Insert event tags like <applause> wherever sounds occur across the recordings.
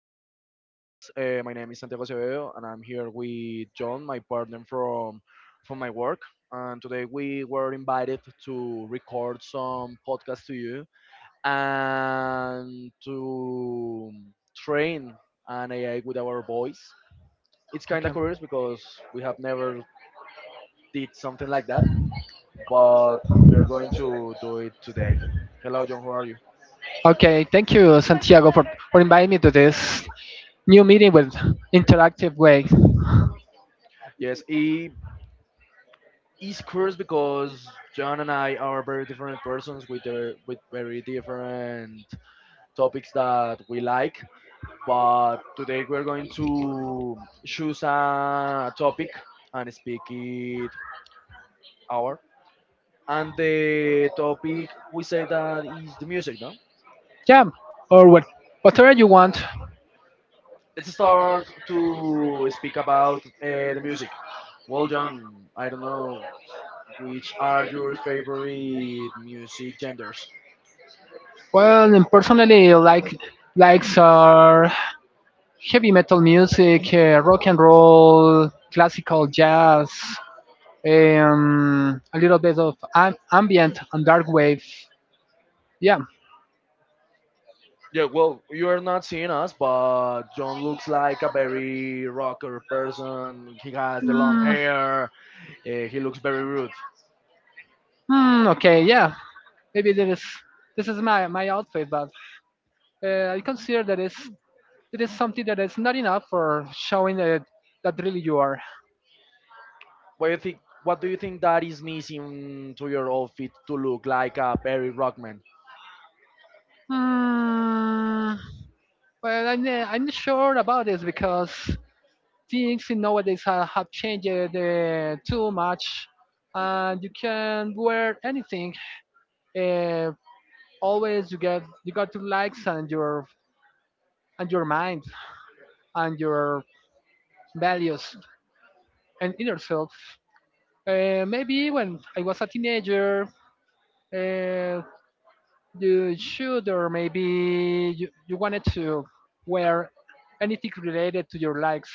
who is listening this. My name is Santiago Acevedo, and I'm here with John, my partner from my work. And today we were invited to record some podcast to you and to train an AI with our voice. It's kind Okay. of curious because we have never did something like that, but we are going to do it today. Hello, John. How are you? Okay. Thank you, Santiago, for inviting me to this new meeting with interactive way. Yes, y it's curious because John and I are very different persons with with very different topics that we like. But today we're going to choose a topic and speak it hour. And the topic we say that is the music, no? Yeah. Or what? Whatever you want. Let's start to speak about the music. Well, John, I don't know which are your favorite music genders. Well, and personally, likes are heavy metal music, rock and roll, classical jazz, a little bit of ambient and dark wave. Yeah. Yeah, well, you're not seeing us, but John looks like a very rocker person. He has the long Mm, hair. He looks very rude. Okay, yeah, maybe that is this is my outfit, but I consider that is something that is not enough for showing that that really you are. What do you think? What do you think that is missing to your outfit to look like a very rockman? Mm, well, I'm not sure about this because things in nowadays have changed too much, and you can wear anything. Uh, always you got to likes and your mind, and your values and inner self. Maybe when I was a teenager, uh, you should, or maybe you wanted to wear anything related to your likes,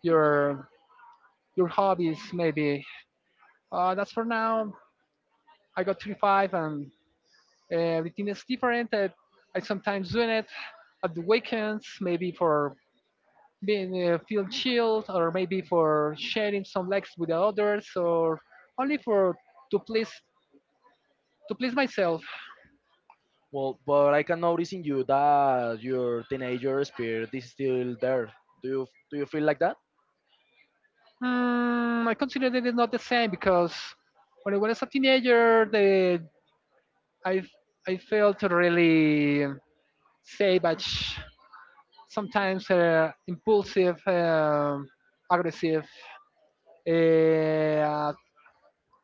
your your hobbies, maybe. That's for now. I got 35 and everything is different. I sometimes do it at the weekends, maybe for being feel chilled or maybe for sharing some likes with the others or only for to please to please myself. Well, but I can notice in you that your teenager spirit is still there. Do you feel like that? I consider that it's not the same because when I was a teenager the i I felt really savage, sometimes impulsive, aggressive, uh,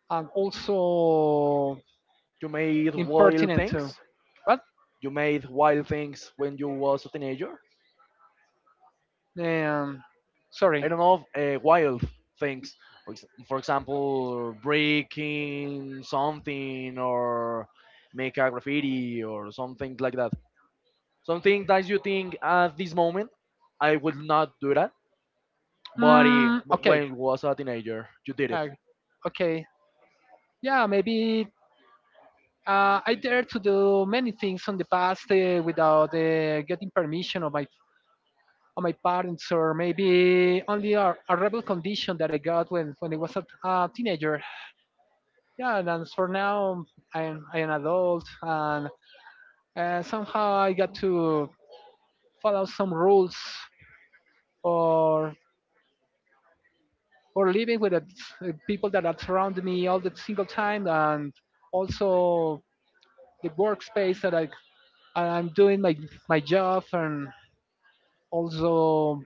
and also You made wild impertinent too. things. What? You made wild things when you was a teenager. um, Sorry. I don't know, wild things. For example, breaking something or make a graffiti or something like that. Something that you think at this moment, I would not do that, but Mm, okay. when I was a teenager, you did it. Okay. Yeah, maybe I dared to do many things in the past without getting permission of my parents, or maybe only a rebel condition that I got when I was a teenager. Yeah, and as for now, I am adult, and somehow I got to follow some rules or or living with the people that are around me all the single time, and also the workspace that I'm doing my my job, and also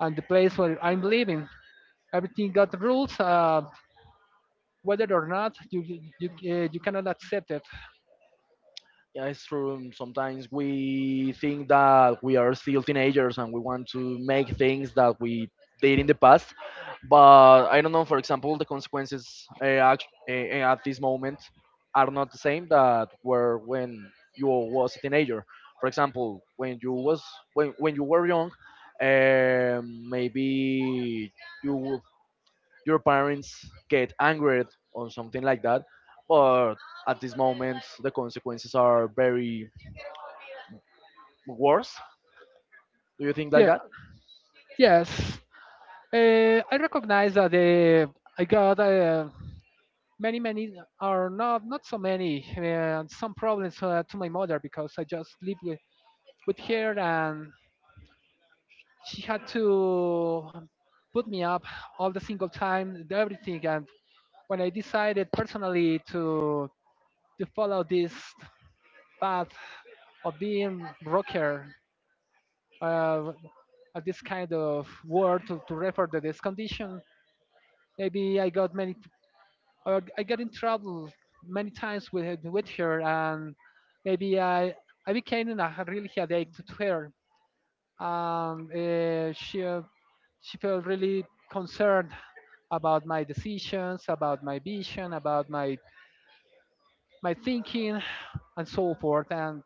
and the place where I'm living. Everything got rules. Whether or not you cannot accept it. Yeah, it's true. Sometimes we think that we are still teenagers and we want to make things that we did in the past. But I don't know, for example, the consequences at this moment are not the same that were when you was a teenager. For example, when you were young, maybe you your parents get angered or something like that. But at this moment, the consequences are very worse. Do you think like Yeah. that? Yes. I recognize that I got. Many many are not not so many and some problems to my mother because I just lived with her, and she had to put me up all the single time everything, and when I decided personally to follow this path of being rocker, uh, this kind of word to refer to this condition, maybe I got in trouble many times with her, and maybe I became in a really headache to her. Um, uh, she uh, she felt really concerned about my decisions, about my vision, about my my thinking, and so forth. And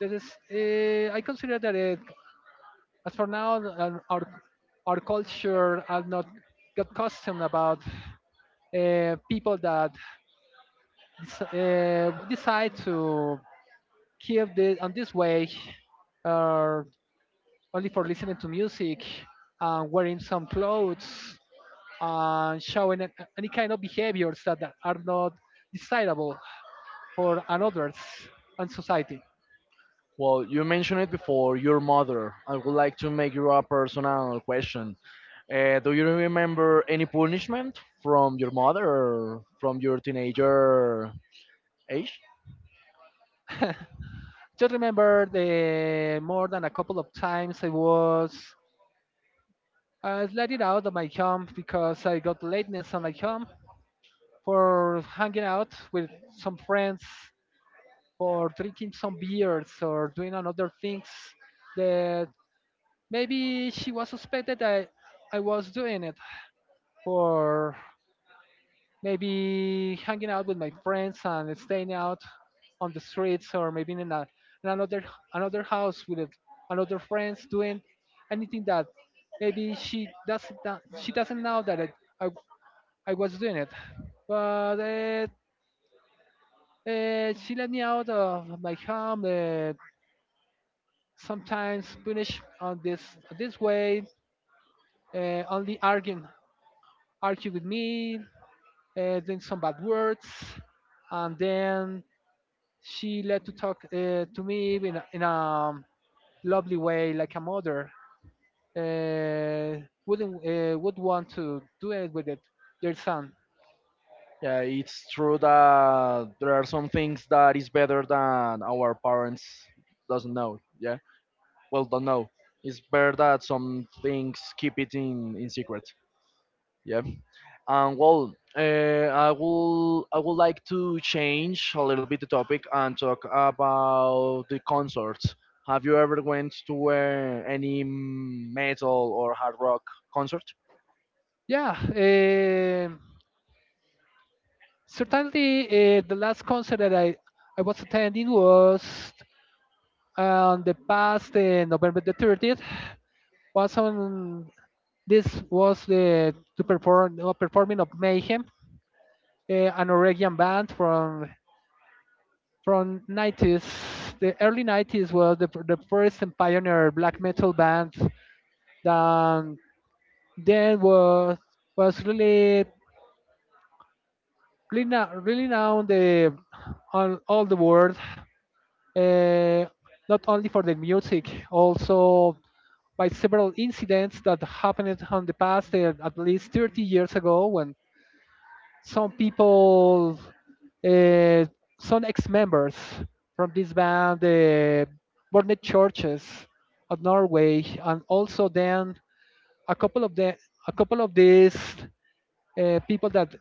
that is, I consider that it, as for now our culture are not got custom about people that we decide to keep this on this way, uh, only for listening to music, and wearing some clothes, and showing any kind of behaviors that that are not desirable for others and society. Well, you mentioned it before, your mother. I would like to make you a personal question. Do you remember any punishment from your mother or from your teenager age? Just remember the more than a couple of times I was let it out of my home because I got lateness on my home for hanging out with some friends or drinking some beers or doing another things that maybe she was suspected that I was doing it for maybe hanging out with my friends and staying out on the streets or maybe in another another house with another friends doing anything that maybe she doesn't know that I, I was doing it. But she let me out of my home, sometimes punish on this this way, only arguing argue with me, doing some bad words, and then she let to talk to me in in a lovely way, like a mother wouldn't would want to do it with it, their son. Yeah, it's true that there are some things that is better than our parents doesn't know. Yeah, well, don't know. It's better that some things keep it in secret. Yeah. And well, I would like to change a little bit the topic and talk about the concerts. Have you ever went to any metal or hard rock concert? Yeah, certainly the last concert that I was attending was on the past November the 30th. Was on this was the to perform performing of Mayhem, an Oregon band from 90s. The early 90s was the first and pioneer black metal band that then was really really now really known the on all the world, uh, not only for the music, also by several incidents that happened in the past at least 30 years ago when some people, uh, some ex-members from this band burned churches of Norway, and also then a couple of the a couple of these people that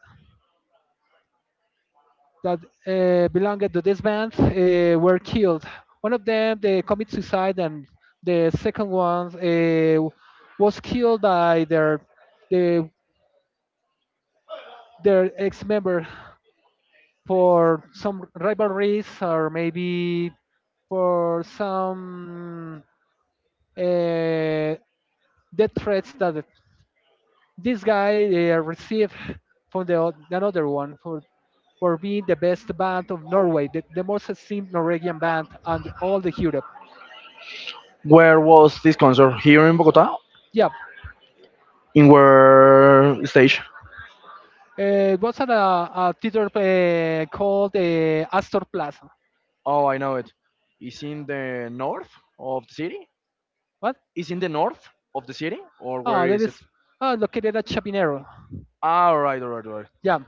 that belonged to this band were killed. One of them they commit suicide, and the second one was killed by their the, their ex-member for some rivalries or maybe for some uh, death threats that this guy received from the another one for being the best band of Norway, the most esteemed Norwegian band and all the Europe. Where was this concert? Here in Bogota? Yeah, In where stage? It was at a theater called Astor Plaza. Oh, I know it. It's in the north of the city. What? It's in the north of the city, or where Oh, that is is it? Located at Chapinero. All right, all right, all right. Yeah.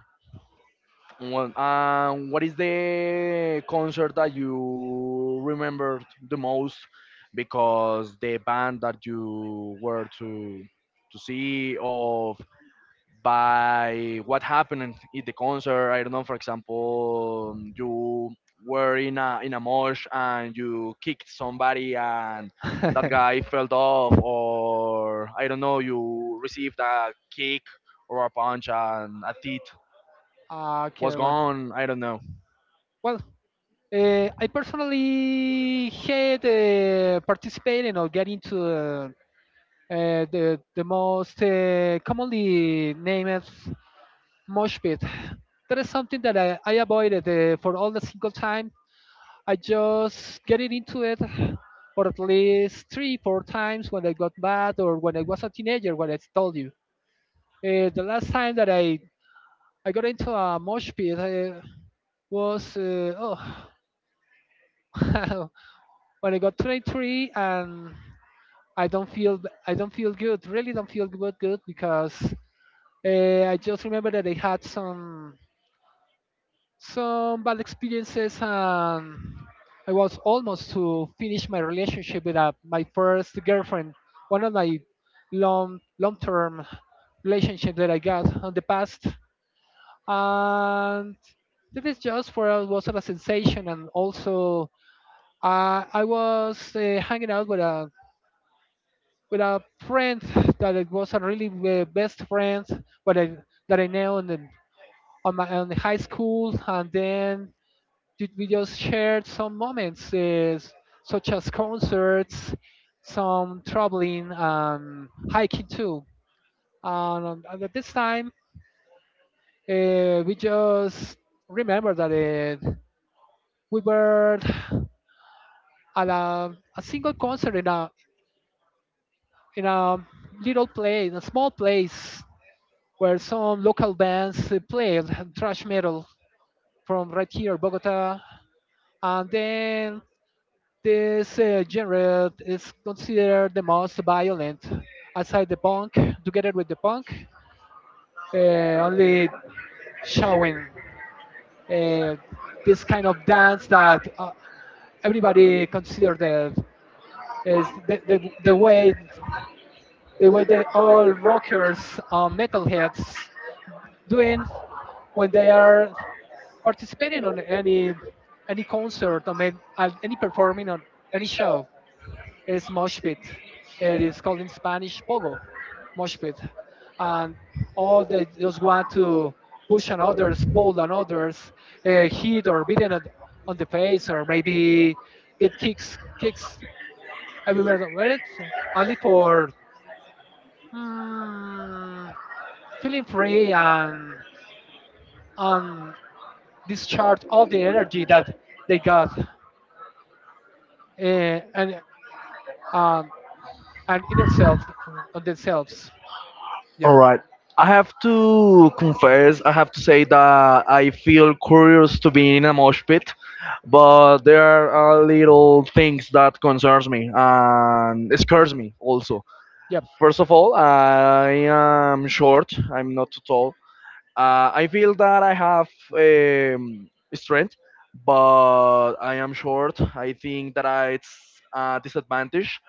Well, what is <laughs> the concert that you remember the most because the band that you were to see of by what happened in the concert? I don't know. For example, you were in a mosh and you kicked somebody and that guy fell <laughs> off, or I don't know. You received a kick or a punch and a teeth Okay, was gone. I don't know. well, I personally hate participating or getting to the the most commonly named as mosh pit. That is something that I avoided for all the single time. I just get it into it, or at least three, four times when I got mad or when I was a teenager, when I told you. The last time that I got into a mosh pit was, oh, <laughs> when I got 23, and I don't feel I don't feel good, really don't feel good because I just remember that I had some bad experiences, and I was almost to finish my relationship with my first girlfriend, one of my long long term relationships that I got in the past, and this is just for was a sensation, and also I was hanging out with a friend that it was a really best friend, but I that I know and on my on the high school, and then we just shared some moments, such as concerts, some traveling, and hiking too. And at this time, we just remember that uh, we were at a single concert in a little place, in a small place where some local bands played thrash metal from right here, Bogota. And then this genre is considered the most violent aside the punk, together with the punk, only showing uh, this kind of dance that everybody considered that is the way that all rockers or metalheads doing when they are participating on any concert or any performing on any show. It's mosh pit. It is called in Spanish pogo, mosh pit, and all they just want to push on others, pull on others, hit or beaten on the face, or maybe get kicks everywhere. Where it's only for mm, feeling free, and discharge all the energy that they got, and um, and inner self on themselves. Yeah. All right. I have to confess, I have to say that I feel curious to be in a mosh pit, but there are little things that concerns me and scares me also. Yep. First of all, I am short. I'm not too tall. I feel that I have um, strength, but I am short. I think that it's a disadvantage.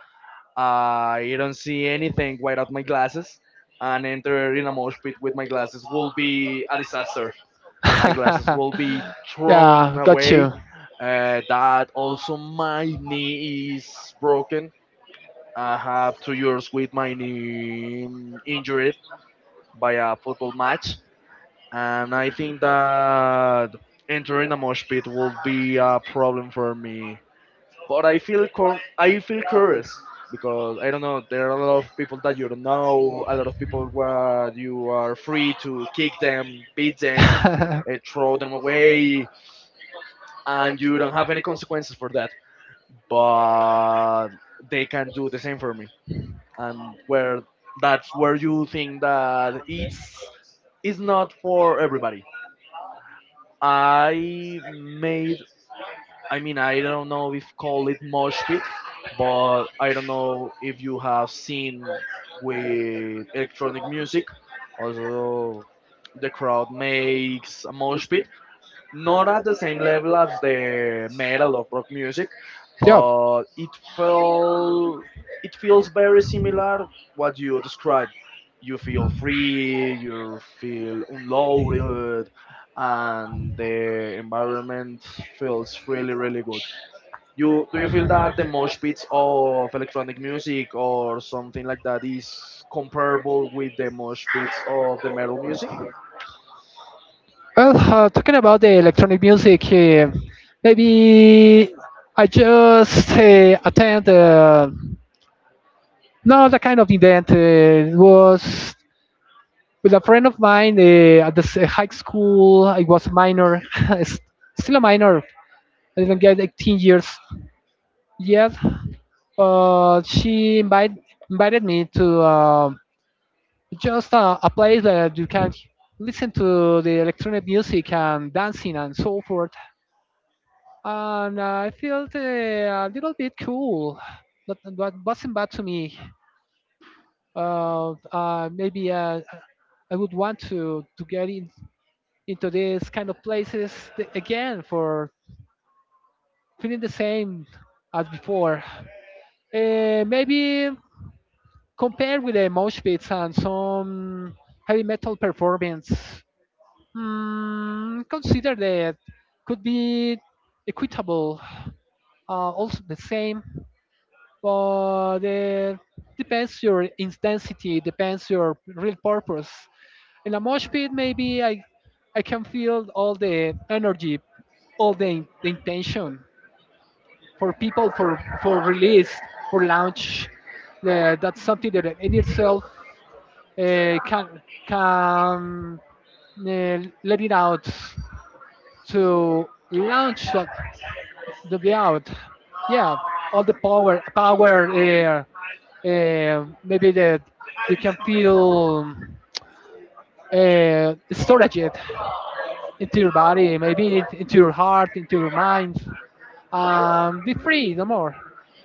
I don't see anything without my glasses, and enter in a mosh pit with my glasses will be a disaster. My glasses will <laughs> be Yeah, thrown got you. away. That also my knee is broken. I have 2 years with my knee injured by a football match, and I think that entering a mosh pit will be a problem for me. But I feel curious because I don't know there are a lot of people that you don't know, a lot of people where you are free to kick them, beat them, <laughs> throw them <laughs> away, and you don't have any consequences for that. But they can do the same for me, and where that's where you think that it's not for everybody. I made I mean, I don't know if call it mosh pit, but I don't know if you have seen with electronic music. Also, the crowd makes a mosh pit, not at the same level as the metal or rock music, but it feels very similar what you describe. You feel free, you feel unloaded, and the environment feels really really good. You do you feel that the mosh pits of electronic music or something like that is comparable with the mosh pits of the metal music? Well, talking about the electronic music, maybe I just attend not that kind of event. It was with a friend of mine at the high school. I was a minor, <laughs> s- still a minor. I didn't get 18 years yet, but invited me to just a place that you can listen to the electronic music and dancing and so forth. And no, I felt a little bit cool, but what wasn't bad to me. Maybe I would want to get in, into these kind of places again for feeling the same as before. Maybe compared with the mosh pits and some heavy metal performance. Consider that could be equitable, also the same. But depends your intensity, depends your real purpose. In a mosh pit, maybe I can feel all the energy, all the, the intention for people for release for launch. That's something that in itself can can let it out to launch the layout. Yeah, all the power. Maybe that you can feel storage it into your body, into your heart, into your mind. Be free, no more.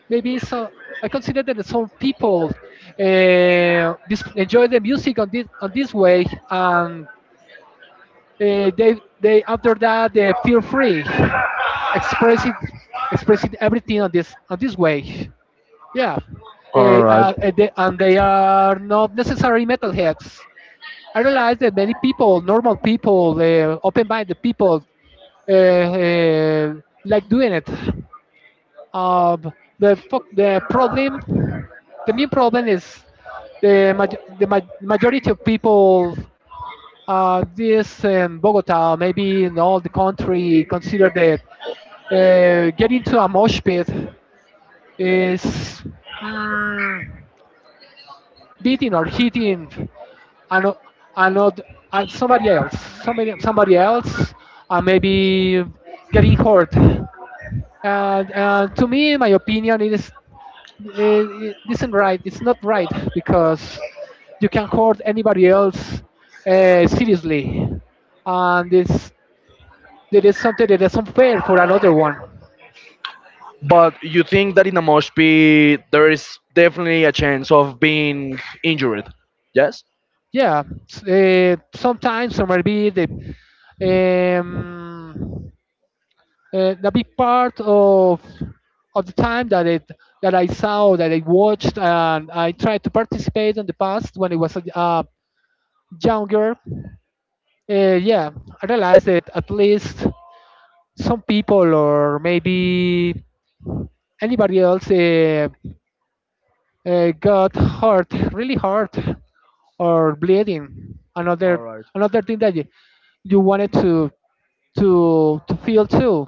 Maybe so. I consider that some people enjoy the music on this way, and they after that they feel free, expressing expressing everything on this way. Yeah. All right. They, and they are not necessarily metalheads. I realize that many people, normal people, open-minded people, uh, uh, like doing it. Um, the problem, the main problem is the majority of people this in Bogota, maybe in all the country, consider that getting to a mosh pit is mm, beating or hitting another, another, somebody else, somebody else, maybe getting hurt. And to me, in my opinion, it isn't right. It's not right because you can hurt anybody else seriously, and it's there is something that is unfair for another one. But you think that in a mosh pit there is definitely a chance of being injured? Yes. Yeah, sometimes or maybe um, the big part of the time that I saw, that I watched, and I tried to participate in the past when I was a younger. Yeah, I realized that at least some people or maybe anybody else got hurt, really hurt, or bleeding All another, right. another thing that you wanted to to feel too,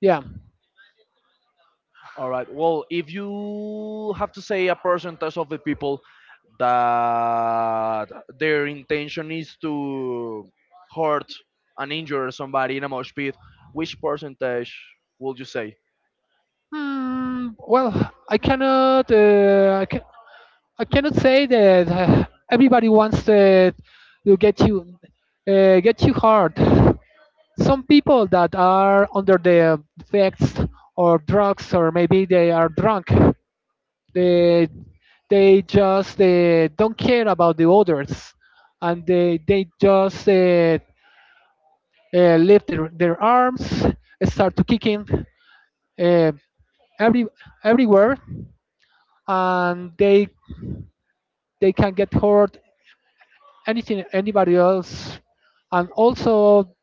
yeah. All right. Well, if you have to say a percentage of the people that their intention is to hurt and injure somebody in a mosh pit, which percentage would you say? Hmm, well, i cannot uh, I, can, I cannot say that everybody wants to get you hard. Some people that are under the effects or drugs, or maybe they are drunk, They they just don't care about the others, and they just lift their arms, start to kicking uh, every everywhere, and they can get hurt anything, anybody else. And also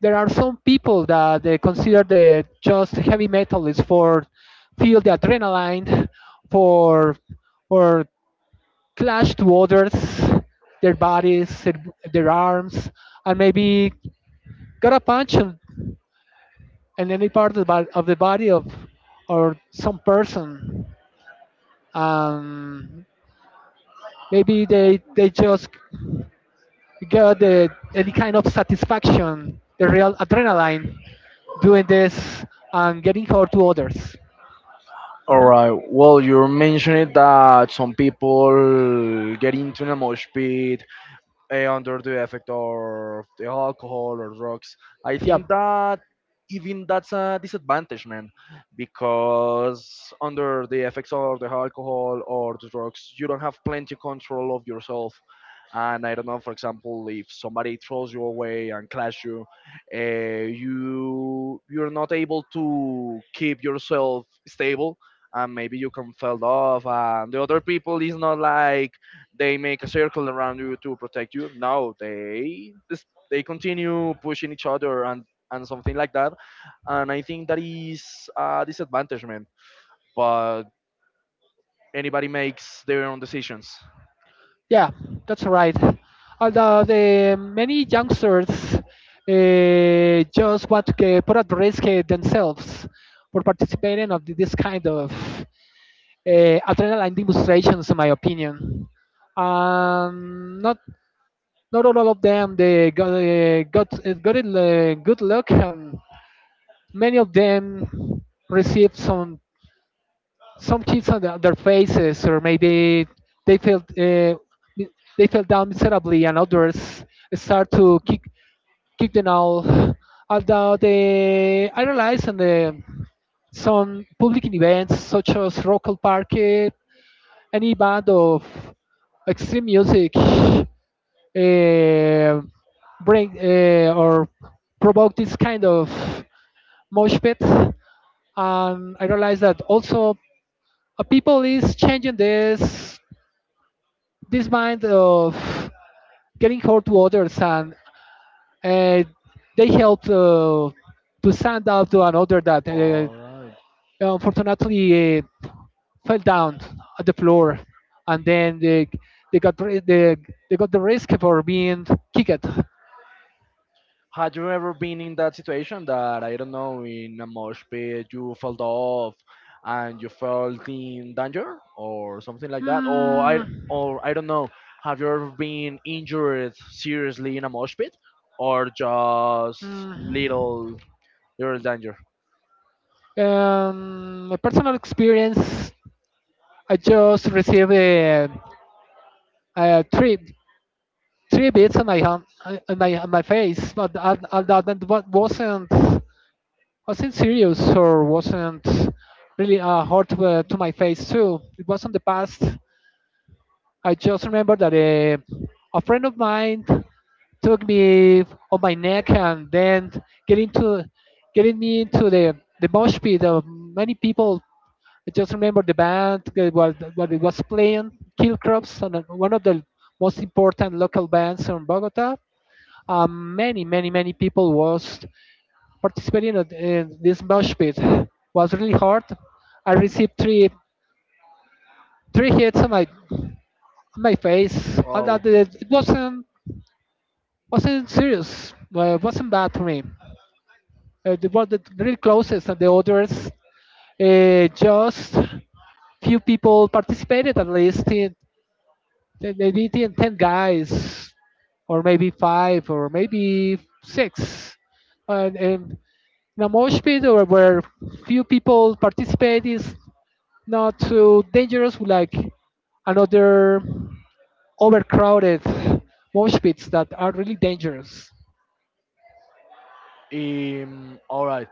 there are some people that they consider the just heavy metal is for feel the adrenaline, for for clashed waters, their bodies, their arms, and maybe got a punch on, in any part of of the body of or some person. Um, Maybe they just got the, any kind of satisfaction, the real adrenaline, doing this and getting hurt to others. All Mhm. right. Well, you mentioned that some people get into a mosh pit under the effect of the alcohol or drugs. I Yeah. think that even that's a disadvantage, man, because under the effects of the alcohol or the drugs, you don't have plenty control of yourself. And I don't know, for example, if somebody throws you away and clash you, uh, you you're not able to keep yourself stable, and maybe you can fell off. And the other people is not like they make a circle around you to protect you. Now they continue pushing each other and something like that. And I think that is a disadvantage, man. But anybody makes their own decisions. Yeah, that's right. Although the many youngsters just want to put at risk themselves for participating of this kind of adrenaline demonstrations, in my opinion. Not not all of them, they got it, good luck, and many of them received some kids on the- their faces, or maybe they felt uh, mi- they fell down miserably, and others start to kick, kick them out. Although they I realize on the some public events such as Rock al Parque, any band of extreme music bring or provoke this kind of mosh pit, and I realized that also people is changing this mind of getting hurt to others, and uh, they help to stand up to another that All right. unfortunately fell down at the floor, and then they got ri- they, they got the risk for being kicked. Had you ever been in that situation that I don't know in a mosh pit you felt off and you felt in danger or something like that, or I Hmm, or I don't know, have you ever been injured seriously in a mosh pit or just hmm. little little danger? My personal experience, I just received a three three bits on my hand, on my face, but wasn't serious, or wasn't really hurt to my face too. It was in the past. I just remember that a friend of mine took me on my neck, and then getting to getting me into the mosh pit of many people. I just remember the band that was, what it was playing, Kill, and one of the most important local bands from Bogota. Many, many, many people was participating in this mosh pit. Was really hard. I received three hits on my, on my face. And Oh, that it wasn't serious. It wasn't bad for me. The one that really closest and the others, just few people participated at least in. They beat the 10 guys, or maybe five, or maybe six. And in a mosh pit, or where few people participate, is not too dangerous like another overcrowded mosh pits that are really dangerous. All right.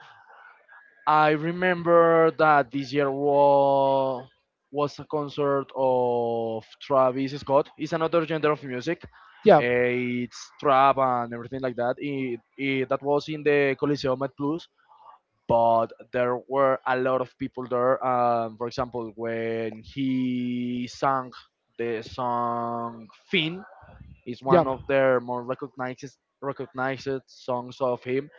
I remember that this year was a concert of Travis Scott. It's another genre of music. Yeah. It's trap and everything like that. That was in the Coliseum at Plus, but there were a lot of people there. For example, when he sang the song Finn, it's Yeah. one of their more recognized songs of him.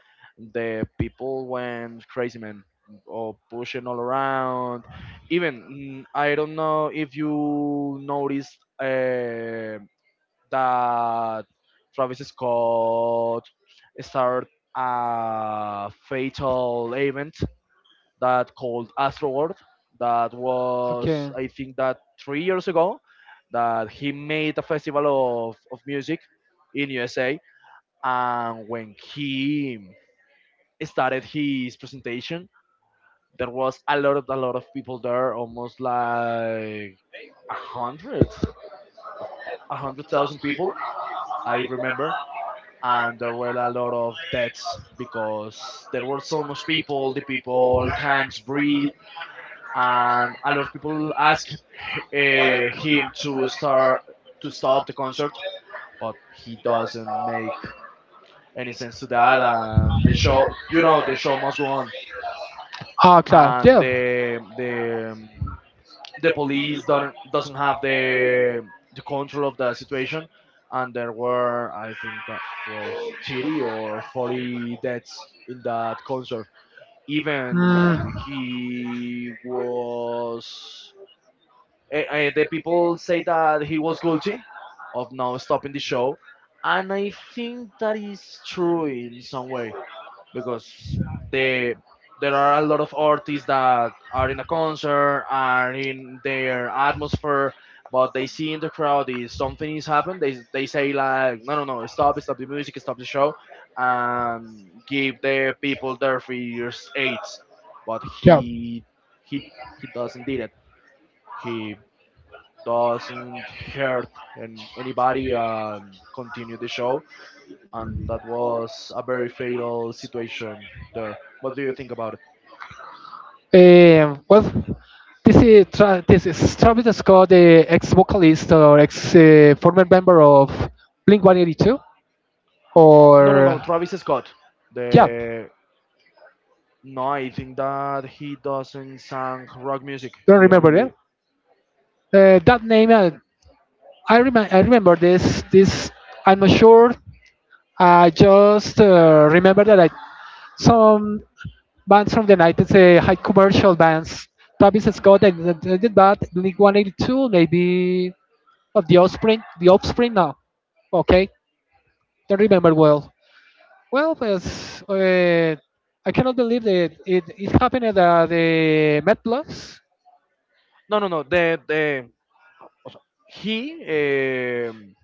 The people went crazy, man, or pushing all around. Even I don't know if you noticed that Travis Scott started a fatal event that called Astroworld that was I think that 3 years ago that he made a festival of music in USA, and when he started his presentation there was a lot of people there, almost like a hundred 100,000 people I remember, and there were a lot of deaths because there were so much people the people can't breathe, and a lot of people asked him to stop the concert, but he doesn't make any sense to that. And the show, you know, the show must go on, Ah, claro, and yeah. The police don't doesn't have the control of the situation, and there were I think that was 30 or 40 deaths in that concert. Mm, Even he was eh, eh, the people say that he was guilty of now stopping the show, and I think that is true in some way because the there are a lot of artists that are in a concert are in their atmosphere but they see in the crowd is something is happened, they say like no no no stop stop the music stop the show and give the people their free aids, but yeah. He he doesn't did it, he doesn't hurt and anybody and continue the show. And that was a very fatal situation there. What do you think about it? Well, this is Travis Scott, the ex-vocalist or ex-former member of Blink 182, No, no, no. or Travis Scott. yeah, The No, I think that he doesn't sang rock music. don't He remember it. only That name, I remember this. This, I'm not sure. I just remember that some bands from the 90s, high commercial bands, Travis Scott, and did that, Blink 182, maybe, or The Offspring, The Offspring now. Okay, don't remember well. Well, yes, I cannot believe that it happened at the Met Plus. no, no, no. The O sea, he um,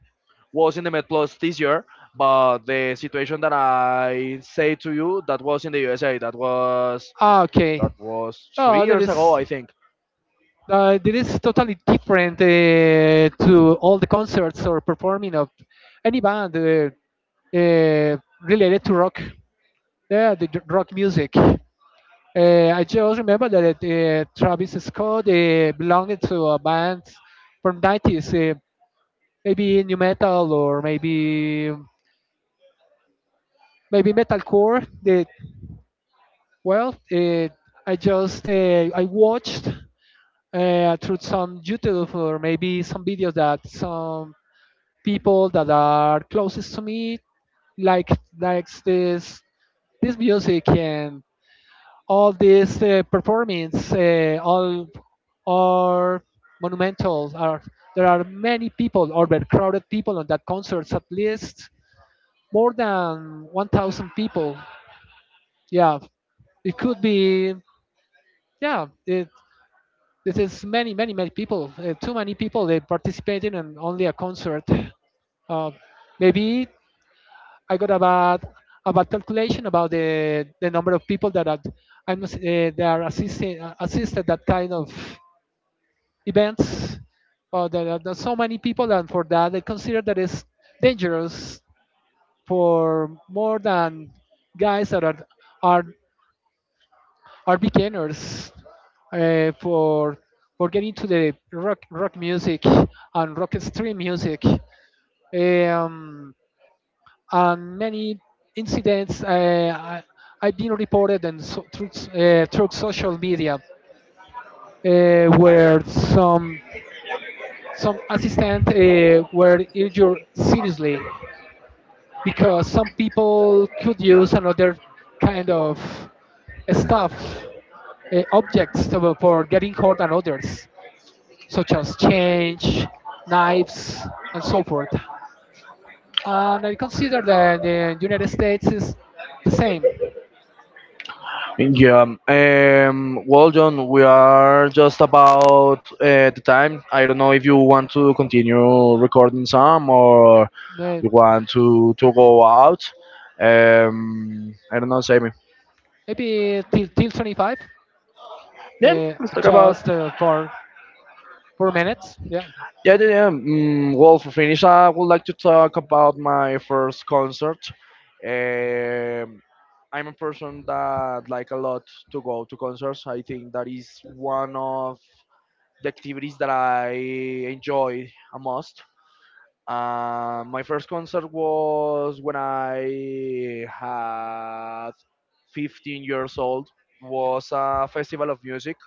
was in the Met Plus this year, but the situation that I say to you that was in the USA. Ah, okay. That was three Oh, years ago, I think. That is totally different to all the concerts or performing of any band uh, related to rock. Yeah, rock music. I just remember that Travis Scott belonged to a band from 90s, maybe new metal, or maybe maybe metalcore. That, well, I watched through some YouTube, or maybe some videos that some people that are closest to me like likes this music. And all this performance, all are monumental. Are there are many people or crowded people on that concerts at least more than 1000 people? Yeah, it could be, yeah it, this is many, many, many people. Too many people they participated in only a concert. Uh, Maybe I got about calculation about the number of people that are, I'm they are assisting, assisted that kind of events. Or there are so many people, and for that they consider that it's dangerous for more than guys that are are beginners uh, for for getting to the rock rock music and rock stream music. um, and many incidents, I've been reported and so, through, through social media, where some assistant were injured seriously, because some people could use another kind of stuff, objects to- for getting hurt than others, such as change, knives, and so forth. And I consider that the United States is the same. Yeah. Well, John, we are just about the time. I don't know if you want to continue recording some or May- you want to go out. I don't know, Sammy. Maybe till, till 25, Yeah, uh, let's talk about. just for 4 minutes. Yeah. Yeah, yeah, yeah. Well, for finish, I would like to talk about my first concert. Um, I'm a person that like a lot to go to concerts. I think that is one of the activities that I enjoy a most. My first concert was when I had 15 years old. Was a festival of music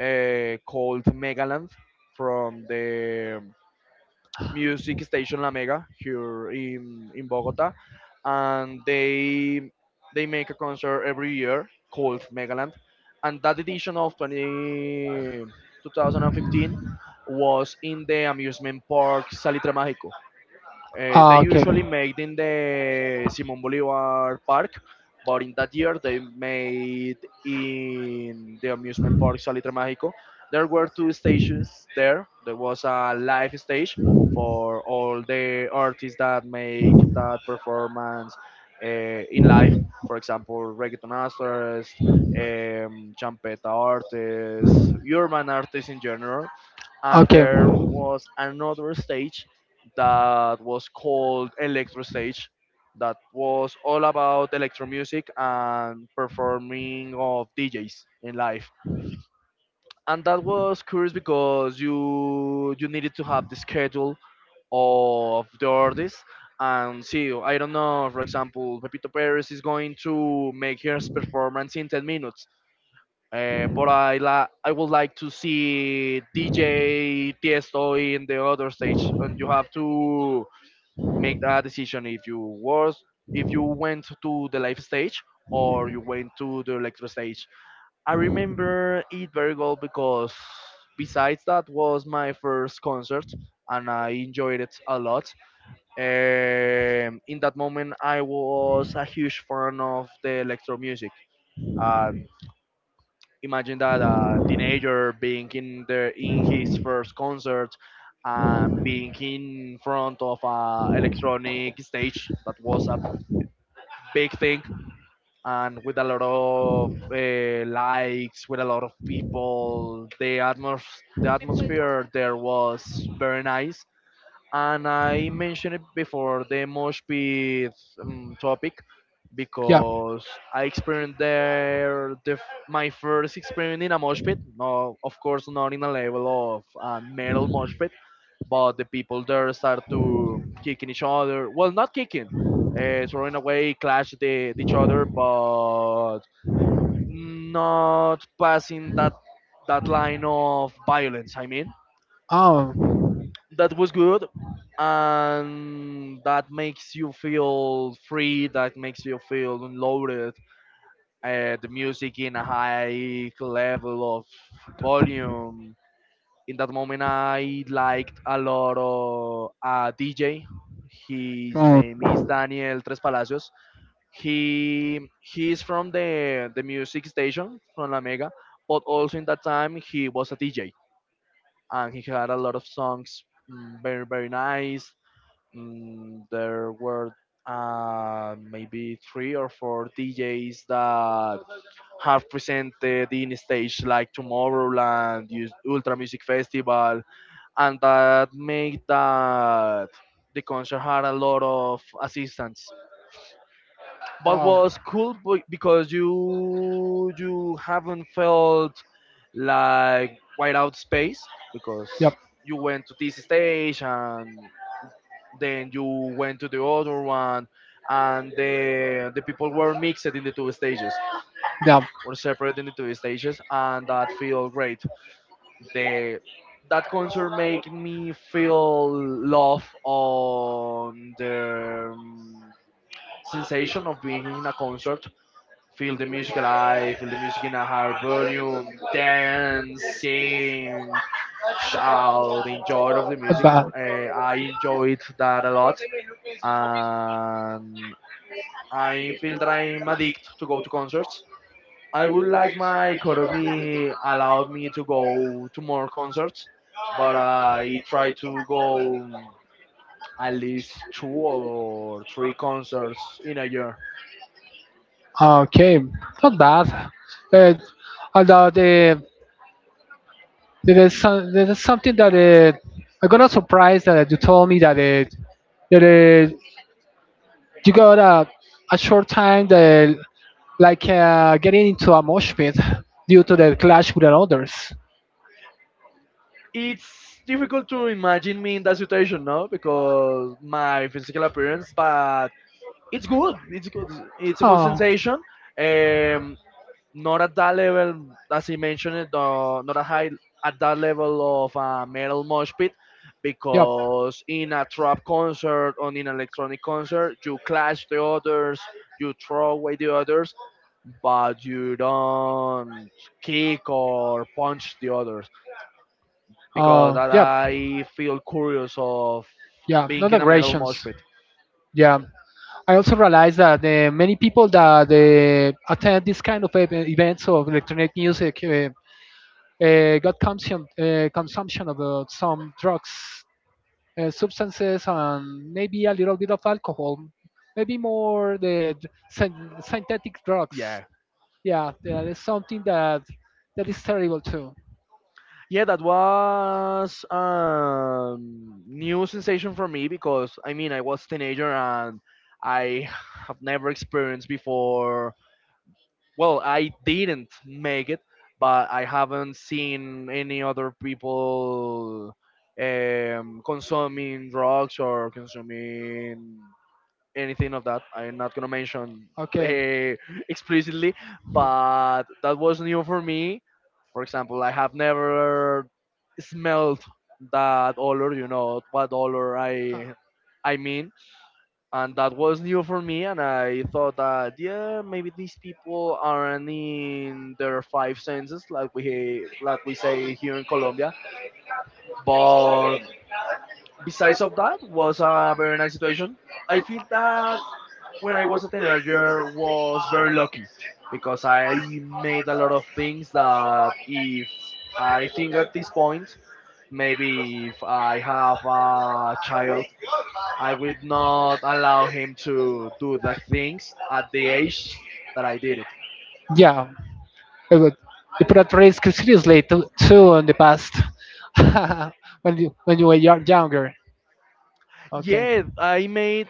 called Megaland from the music station La Mega here in Bogota, and they make a concert every year called Megaland, and that edition of 20 2015 was in the amusement park Salitre Mágico. They usually made in the Simon Bolivar Park, but in that year they made in the amusement park Salitre Mágico. There were two stages there. There was a live stage for all the artists that make that performance uh, in live. For example, reggaeton artists, champeta artists, urban artists in general. And Okay. there was another stage that was called Electro Stage, that was all about electro music and performing of DJs in live. And And that was curious because you needed to have the schedule of the artist and see. I don't know, for example, Pepito Perez is going to make his performance in 10 minutes. But I would like to see DJ Tiesto in the other stage, and you have to make that decision if you went to the live stage or you went to the electro stage. I remember it very well because besides that was my first concert and I enjoyed it a lot. In that moment, I was a huge fan of the electro music. Um, Imagine that a teenager being in the in his first concert and being in front of a electronic stage that was a big thing and with a lot of likes, with a lot of people, the atmos the atmosphere there was very nice, and I mentioned it before, the Moshpit topic, yeah. because I experienced there my first experience in a Moshpit. No, of course not in a level of a metal Moshpit, but the people there start to kicking each other. Well, not kicking, throwing away, clash each other, but not passing that line of violence. I mean Oh, that was good, and that makes you feel free, that makes you feel unloaded, the music in a high level of volume. In that moment I liked a lot of a DJ. His oh, name is Daniel Tres Palacios. He is from the music station from La Mega, but also in that time he was a DJ and he had a lot of songs, very nice. There were maybe three or four DJs that have presented in stage like Tomorrowland, Ultra Music Festival, and that made that the concert had a lot of assistance. But wow. was cool because you haven't felt like white out space, because Yep. you went to this stage and then you went to the other one, and the people were mixed in the two stages, Yeah. were separate in the two stages, and that feel great. The That concert make me feel love on the sensation of being in a concert, feel the music alive, feel the music in a higher volume, dance, sing, shout the enjoy of the music. But, I enjoyed that a lot, and I feel that I'm addicted to go to concerts. I would like my economy allowed me to go to more concerts, but I try to go at least two or three concerts in a year. okay, not bad. Uh, Although the there is some, there is something that I got a surprise that you told me that that uh, you got a short time that like getting into a mosh pit due to the clash with the others. It's difficult to imagine me in that situation, no, because my physical appearance, but it's good. It's good. It's a good sensation. Um, Not at that level, as he mentioned it, not a high, at that level of metal mosh pit, because in a trap concert or in an electronic concert, you clash the others, you throw away the others, but you don't kick or punch the others, because Oh, that I feel curious of yeah. being Not in a metal aggressions. mosh pit. Yeah. I also realize that many people that attend this kind of events of electronic music, got consumption consumption of some drugs, substances, and maybe a little bit of alcohol, maybe more synthetic drugs. Yeah, Yeah, that is something that, that is terrible too. yeah, that was a new sensation for me, because I mean I was teenager and I have never experienced before. Well, I didn't make it, but I haven't seen any other people consuming drugs or consuming anything of that. I'm not gonna mention Okay. uh, explicitly, Uh, but that was new for me. For example, I have never smelled that odor. You know what odor I mean, and that was new for me. And I thought that yeah, maybe these people aren't in their five senses, like we say here in Colombia. But besides of that, was a very nice situation. I feel that when I was a teenager was very lucky, because I made a lot of things that if I think at this point, maybe if I have a child, I would not allow him to do the things at the age that I did it. Yeah. It would, you put at risk seriously too, too in the past <laughs> when you, were younger. Okay. Yeah,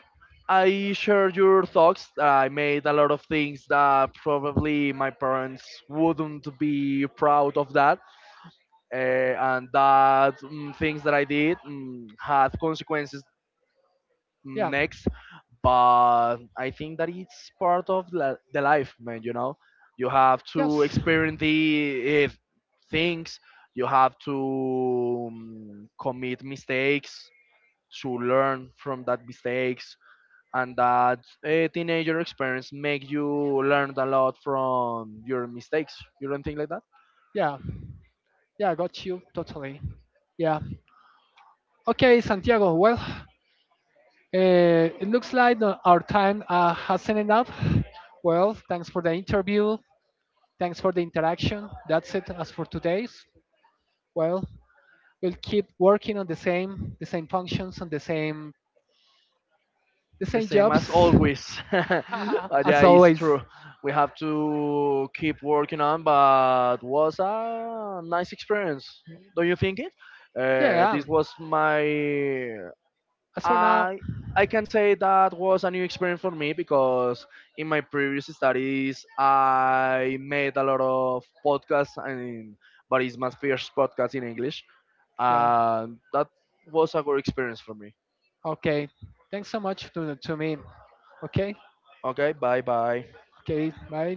I share your thoughts. I made a lot of things that probably my parents wouldn't be proud of that, and that, things that I did, had consequences Yeah. next. But I think that it's part of the life, man. You know, you have to Yes. experience the things. You have to commit mistakes to learn from that mistakes, and that teenager experience make you learn a lot from your mistakes. You don't think like that? Yeah. Yeah, I got you totally. Yeah. Okay, Santiago. Well, it looks like our time has ended up. Well, thanks for the interview. Thanks for the interaction. That's it as for today's. Well, we'll keep working on the same functions, on the The same same as jobs, always. <laughs> <laughs> But yeah, as it's always. true. We have to keep working on, but was a nice experience. Don't you think it? Yeah. This was my As for now, I I can say that was a new experience for me, because in my previous studies I made a lot of podcasts and, but it's my first podcast in English. yeah. And that was a good experience for me. Okay. Thanks so much to me. Okay. Okay, bye bye. Okay. Bye.